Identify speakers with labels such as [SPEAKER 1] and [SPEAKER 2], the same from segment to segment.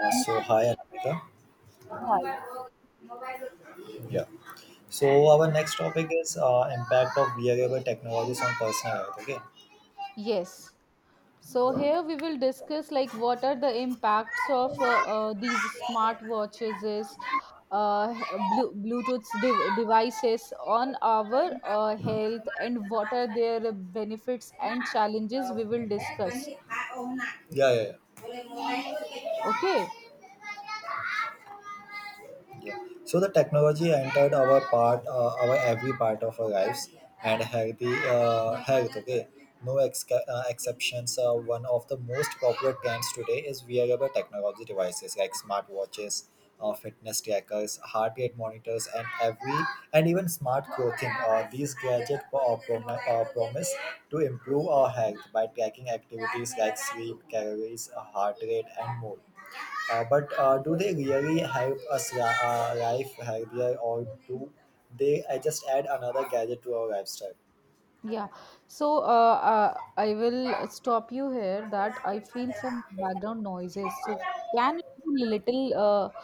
[SPEAKER 1] Uh,
[SPEAKER 2] Mm,
[SPEAKER 1] so hi Anamika.
[SPEAKER 2] Right.
[SPEAKER 1] Yeah. So our next topic is impact of wearable technologies on personal health. Okay.
[SPEAKER 2] Yes. So
[SPEAKER 1] Yeah.
[SPEAKER 2] here we will discuss like what are the impacts of these smart watches is Bluetooth devices on our health and what are their benefits and challenges we will discuss.
[SPEAKER 1] Yeah. Yeah. yeah.
[SPEAKER 2] Okay.
[SPEAKER 1] Yeah. So the technology entered our every part of our lives, and health. Okay, no ex, exceptions. One of the most popular trends today is wearable technology devices like smartwatches, fitness trackers, heart rate monitors, and even smart clothing. These gadgets promise to improve our health by tracking activities like sleep, calories, heart rate, and more. But do they really life healthier, or do they just add another gadget to our lifestyle?
[SPEAKER 2] Yeah. So I will stop you here that I feel some background noises. So can it be little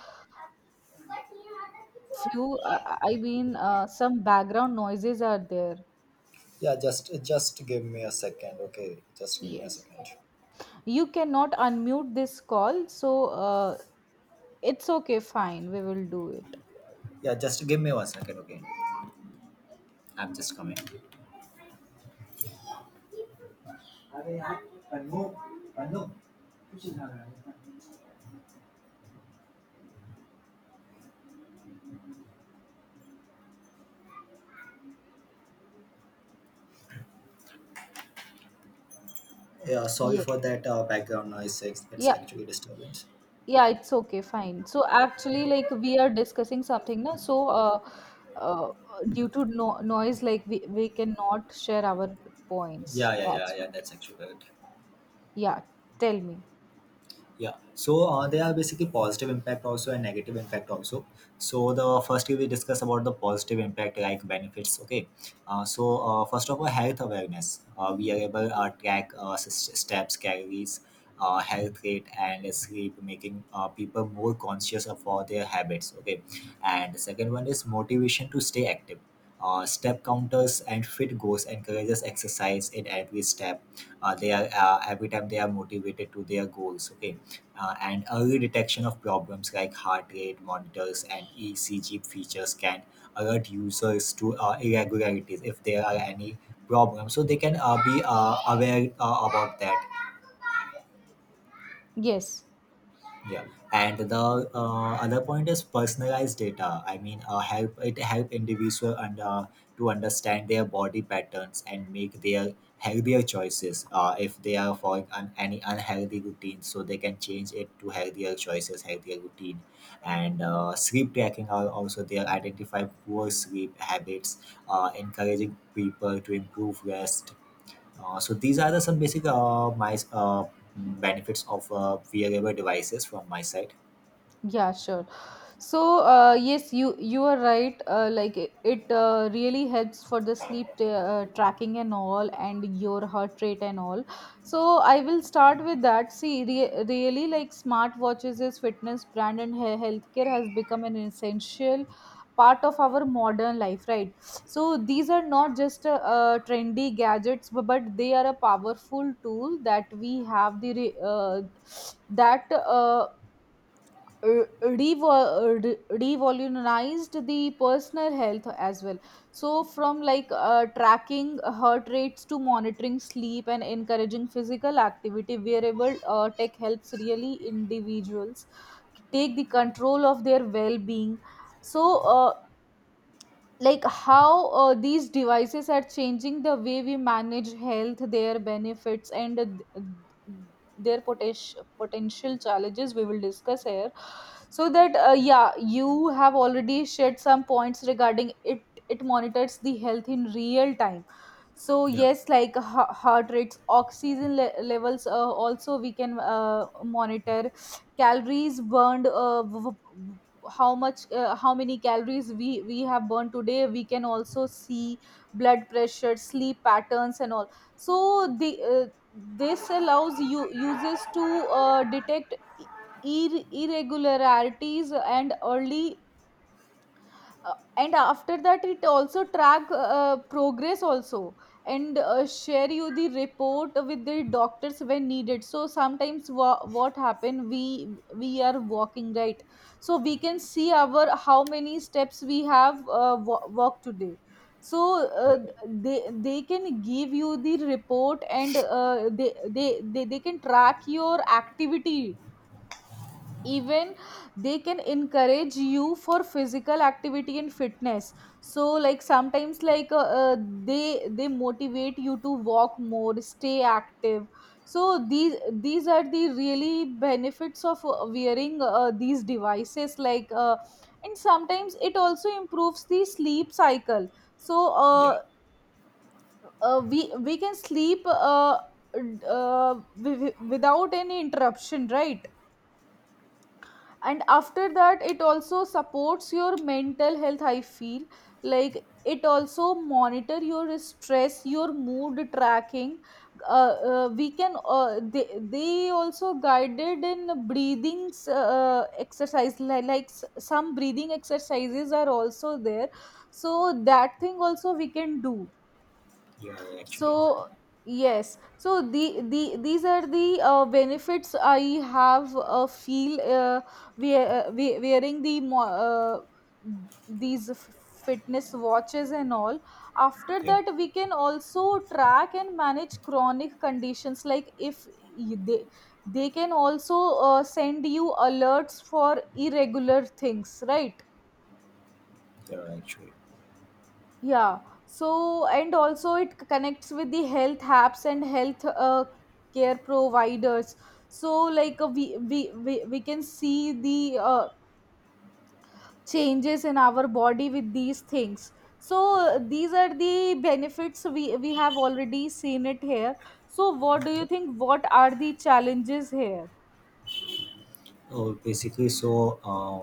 [SPEAKER 2] few I mean, some background noises are there.
[SPEAKER 1] Yeah, just give me a second, okay? Just give me a
[SPEAKER 2] Yes,
[SPEAKER 1] second.
[SPEAKER 2] you cannot unmute this call, so uh, it's okay, fine, we will do it.
[SPEAKER 1] Yeah, just give me 1 second, okay? I'm just coming. Yeah, sorry
[SPEAKER 2] Yeah,
[SPEAKER 1] for that background noise. It's
[SPEAKER 2] yeah,
[SPEAKER 1] actually disturbance.
[SPEAKER 2] yeah, it's okay, fine. So actually, like, we are discussing something now, so uh, due to noise, like, we cannot share our points,
[SPEAKER 1] Yeah, yeah, yeah,
[SPEAKER 2] that's
[SPEAKER 1] yeah.
[SPEAKER 2] why.
[SPEAKER 1] That's actually good.
[SPEAKER 2] Yeah, tell me.
[SPEAKER 1] Yeah, so there are basically positive impact also and negative impact also. So the first we discuss about the positive impact like benefits. Okay, first of all, health awareness. We are able to track steps, calories, health rate, and sleep, making people more conscious of all their habits. Okay, and the second one is motivation to stay active. Step counters and fit goals encourages exercise in every step. They are Every time they are motivated to their goals. Okay, and early detection of problems like heart rate monitors and ECG features can alert users to irregularities if there are any problems. So they can be aware about that.
[SPEAKER 2] Yes.
[SPEAKER 1] Yeah. And the other point is personalized data. Help it help individual and to understand their body patterns and make their healthier choices. If they are following any unhealthy routine, so they can change it to healthier choices, healthier routine. And sleep tracking are also there, identify poor sleep habits, encouraging people to improve rest. Uh, so these are the some basic my benefits of wearable devices from my side.
[SPEAKER 2] Yeah, sure. So, yes, you are right. Like it really helps for the sleep tracking and all, and your heart rate and all. So, I will start with that. See, really, like, smartwatches, is fitness brand and healthcare has become an essential part of our modern life, right? So, these are not just trendy gadgets, but they are a powerful tool that we have the that uh, uh, revo- uh, re- revolutionized the personal health as well. So from, like, tracking heart rates to monitoring sleep and encouraging physical activity, wearable tech helps really individuals take the control of their well-being. So like, how these devices are changing the way we manage health, their benefits and their potential challenges we will discuss here. So that, yeah, you have already shared some points regarding it. It monitors the health in real time. So
[SPEAKER 1] Yeah,
[SPEAKER 2] yes, like heart rates, oxygen levels, also we can monitor calories burned. How much, how many calories we have burned today, we can also see. Blood pressure, sleep patterns and all. So the, this allows you users to detect irregularities and early, and after that it also track progress also, and share you the report with the doctors when needed. So sometimes, what happen, we are walking, right? So we can see our, how many steps we have walked today. So
[SPEAKER 1] yeah,
[SPEAKER 2] they can give you the report, and uh, they can track your activity. Even they can encourage you for physical activity and fitness. So like, sometimes, like, they motivate you to walk more, stay active. So these are the really benefits of wearing these devices, like, and sometimes it also improves the sleep cycle. So
[SPEAKER 1] yeah,
[SPEAKER 2] we can sleep d- uh, without any interruption, right? And after that, it also supports your mental health, I feel. Like, it also monitor your stress, your mood tracking. We can uh, they also guided in breathing exercise, like, like some breathing exercises are also there. So that thing also we can do.
[SPEAKER 1] yeah. Yeah, actually,
[SPEAKER 2] So yes, so the these are the benefits I have we wearing the these f- fitness watches and all. After
[SPEAKER 1] yeah,
[SPEAKER 2] that, we can also track and manage chronic conditions. Like, if they they can also send you alerts for irregular things, right?
[SPEAKER 1] yeah. Actually,
[SPEAKER 2] Yeah. So, and also it connects with the health apps and health care providers. So, like, uh, we can see the changes in our body with these things. So, these are the benefits we have already seen it here. So, what do
[SPEAKER 1] yeah.
[SPEAKER 2] you think? What are the challenges here?
[SPEAKER 1] Oh, basically, so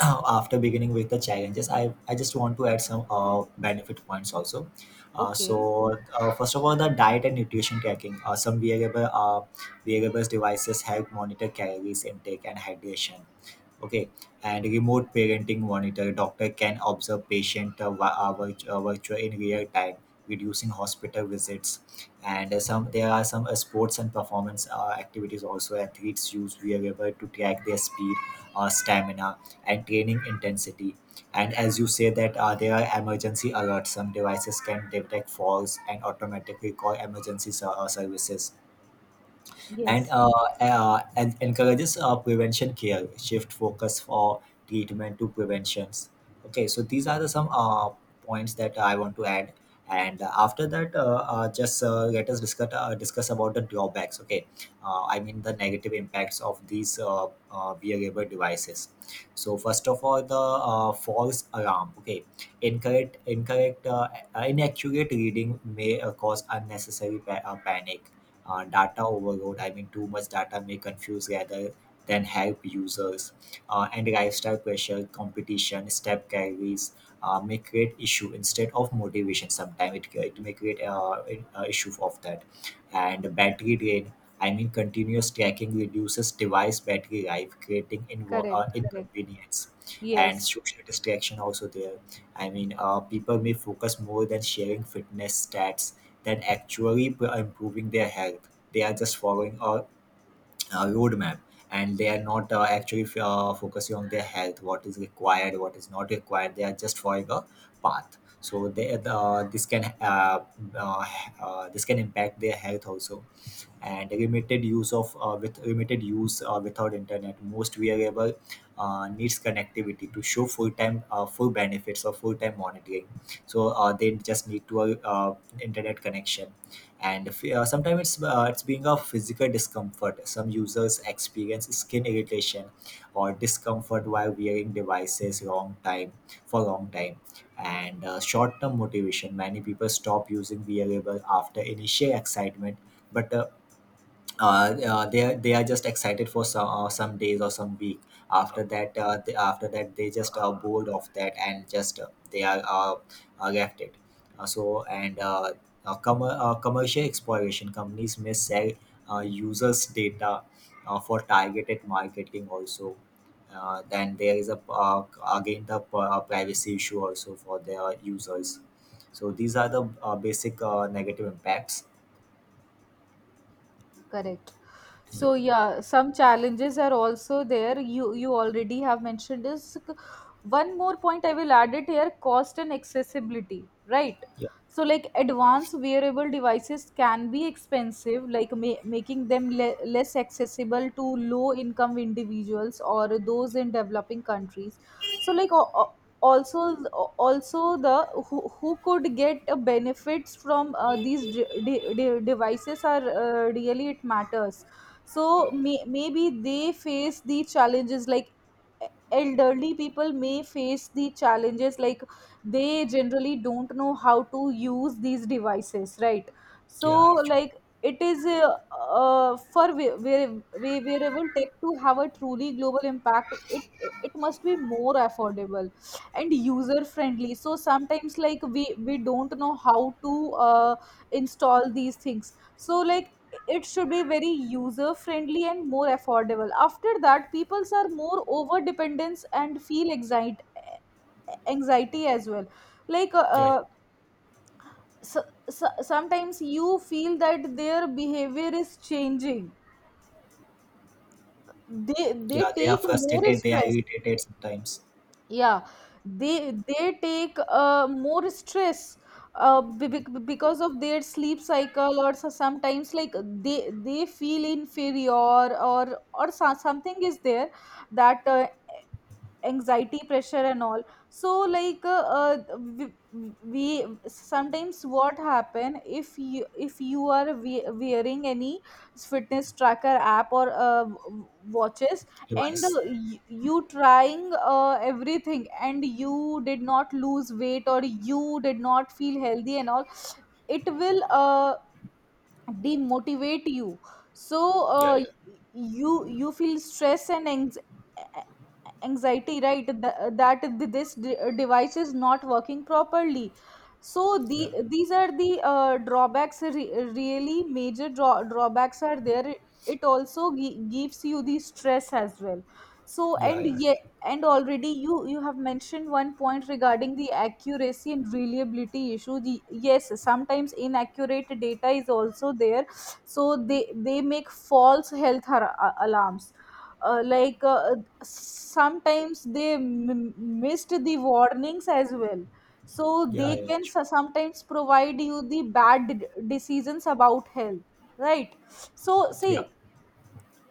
[SPEAKER 1] after beginning with the challenges, I just want to add some benefit points also.
[SPEAKER 2] Okay.
[SPEAKER 1] First of all, the diet and nutrition tracking. Some wearables devices help monitor calories intake and hydration. Okay. And remote parenting monitor doctor can observe patient virtual in real time, reducing hospital visits. And some there are some sports and performance activities also. Athletes use wearable to track their speed, stamina, and training intensity. And as you say that, there are emergency alerts. Some devices can detect falls and automatically call emergency services. and
[SPEAKER 2] Yes.
[SPEAKER 1] uh, uh, en- encourages prevention care, shift focus for treatment to preventions. Okay, so these are the some points that I want to add. And after that, just let us discuss about the drawbacks. Okay, I mean the negative impacts of these wearable devices. So first of all, the false alarm. Okay, incorrect incorrect inaccurate reading may cause unnecessary panic. Data overload, I mean too much data may confuse rather than help users. And lifestyle pressure, competition step carries may create issue instead of motivation. Sometimes it may create an issue of that. And battery drain, I mean continuous tracking reduces device battery life, creating
[SPEAKER 2] Correct.
[SPEAKER 1] inconvenience. And
[SPEAKER 2] Yes.
[SPEAKER 1] social distraction also there, I mean people may focus more than sharing fitness stats that actually improving their health. They are just following a roadmap, and they are not actually focusing on their health, what is required, what is not required. They are just following a path. So they, uh, this can impact their health also. And limited use of uh, with limited use without internet, most wearable needs connectivity to show full benefits or full-time monitoring. So they just need to internet connection. And if, sometimes it's being a physical discomfort. Some users experience skin irritation or discomfort while wearing devices long time for long time. And short-term motivation, many people stop using wearable after initial excitement. But they are just excited for some days or some week. After that, after that they just are bored of that and just they are left it. So commercial exploration companies may sell users' data for targeted marketing also. Then there is a, again the privacy issue also for their users. So these are the basic negative impacts.
[SPEAKER 2] Correct.
[SPEAKER 1] Yeah,
[SPEAKER 2] So yeah, some challenges are also there, you already have mentioned this. One more point I will add it here: cost and accessibility, right?
[SPEAKER 1] yeah,
[SPEAKER 2] So, like, advanced wearable devices can be expensive, like, making them less accessible to low income individuals or those in developing countries. So like, also, also, the who could get benefits from these devices are, really it matters. So, maybe they face the challenges, like, elderly people may face the challenges, like, they generally don't know how to use these devices, right? So
[SPEAKER 1] yeah. Actually,
[SPEAKER 2] like, it is, for where, wherever tech to have a truly global impact, it must be more affordable and user friendly. So sometimes, like, we don't know how to uh, install these things. So like, it should be very user friendly and more affordable. After that, peoples are more over dependence and feel anxiety, anxiety as well. Like,
[SPEAKER 1] yeah.
[SPEAKER 2] so, so, sometimes you feel that their behavior is changing. they
[SPEAKER 1] Yeah,
[SPEAKER 2] they
[SPEAKER 1] they are
[SPEAKER 2] take more
[SPEAKER 1] frustrated, they are
[SPEAKER 2] stress.
[SPEAKER 1] irritated sometimes.
[SPEAKER 2] Yeah, they take more stress because of their sleep cycle, or so- sometimes, like, they feel inferior, or something is there, that anxiety, pressure and all. So like, we sometimes, what happen, if you, if you are wearing any fitness tracker app or watches, and
[SPEAKER 1] Device.
[SPEAKER 2] you trying everything, and you did not lose weight or you did not feel healthy and all, it will demotivate you. So
[SPEAKER 1] Yeah, yeah,
[SPEAKER 2] you you feel stress and a- anxiety, right? This device is not working properly. So
[SPEAKER 1] yeah,
[SPEAKER 2] the, these are the drawbacks, really major drawbacks are there. It also gives you the stress as well. So
[SPEAKER 1] yeah,
[SPEAKER 2] and
[SPEAKER 1] yeah,
[SPEAKER 2] and already you have mentioned one point regarding the accuracy and reliability issue. The, yes, sometimes inaccurate data is also there. So they make false health alarms. Uh, like, sometimes they missed the warnings as well. So
[SPEAKER 1] yeah,
[SPEAKER 2] they
[SPEAKER 1] yeah,
[SPEAKER 2] can, sometimes provide you the bad decisions about health, right? So
[SPEAKER 1] yeah,
[SPEAKER 2] see,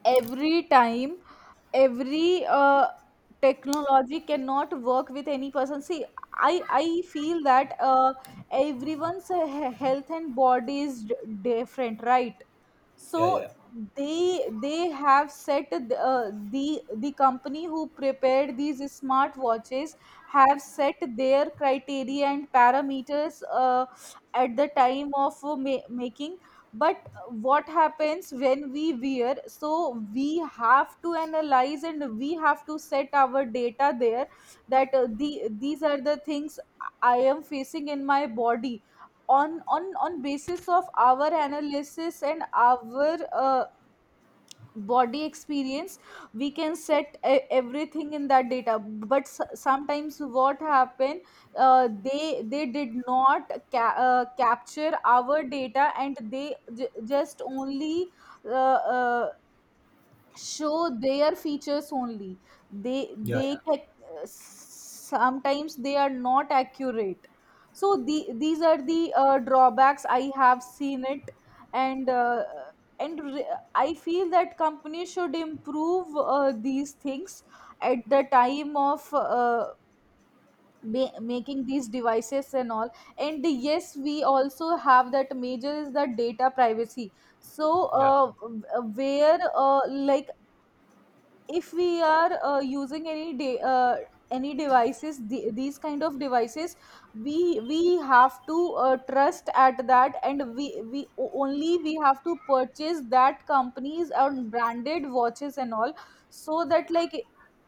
[SPEAKER 2] every time, every technology cannot work with any person. See, I feel that everyone's health and body is different, right? So,
[SPEAKER 1] yeah, yeah,
[SPEAKER 2] they have set, uh, the company who prepared these smart watches have set their criteria and parameters at the time of making. But what happens when we wear? So we have to analyze, and we have to set our data there, that the, these are the things I am facing in my body. On, on basis of our analysis and our body experience, we can set everything in that data. But sometimes what happened, they did not capture our data, and they just only uh, uh, show their features only. They
[SPEAKER 1] yeah, yeah,
[SPEAKER 2] sometimes they are not accurate. So the, these are the drawbacks I have seen it. And and re- I feel that companies should improve these things at the time of making these devices and all. And yes, we also have that major is the data privacy. So
[SPEAKER 1] yeah,
[SPEAKER 2] where, like, if we are using any devices, the- these kind of devices, we have to trust at that, and we, only, we have to purchase that companies and branded watches and all. So that, like,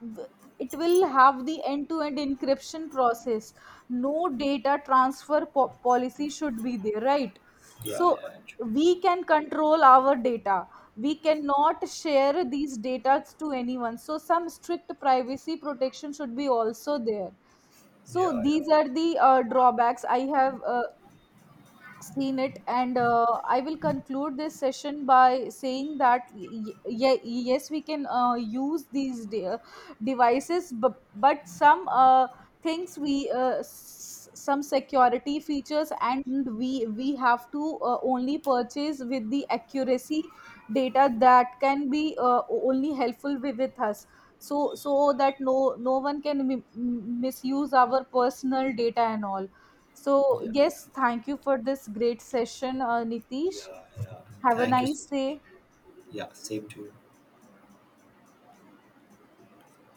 [SPEAKER 2] w- it will have the end to end encryption process. No data transfer policy should be there, right? So
[SPEAKER 1] yeah,
[SPEAKER 2] we can control our data, we cannot share these data to anyone. So some strict privacy protection should be also there. So these are the drawbacks I have seen it. And I will conclude this session by saying that, yes, we can use these devices, but some uh, things, we some security features, and we have to only purchase with the accuracy, data that can be only helpful with us. So so that no one can misuse our personal data and all. So,
[SPEAKER 1] yeah,
[SPEAKER 2] yes, thank you for this great session, Nitish.
[SPEAKER 1] yeah, yeah.
[SPEAKER 2] Have a
[SPEAKER 1] Thank you so
[SPEAKER 2] nice
[SPEAKER 1] much.
[SPEAKER 2] day.
[SPEAKER 1] Yeah, same to you.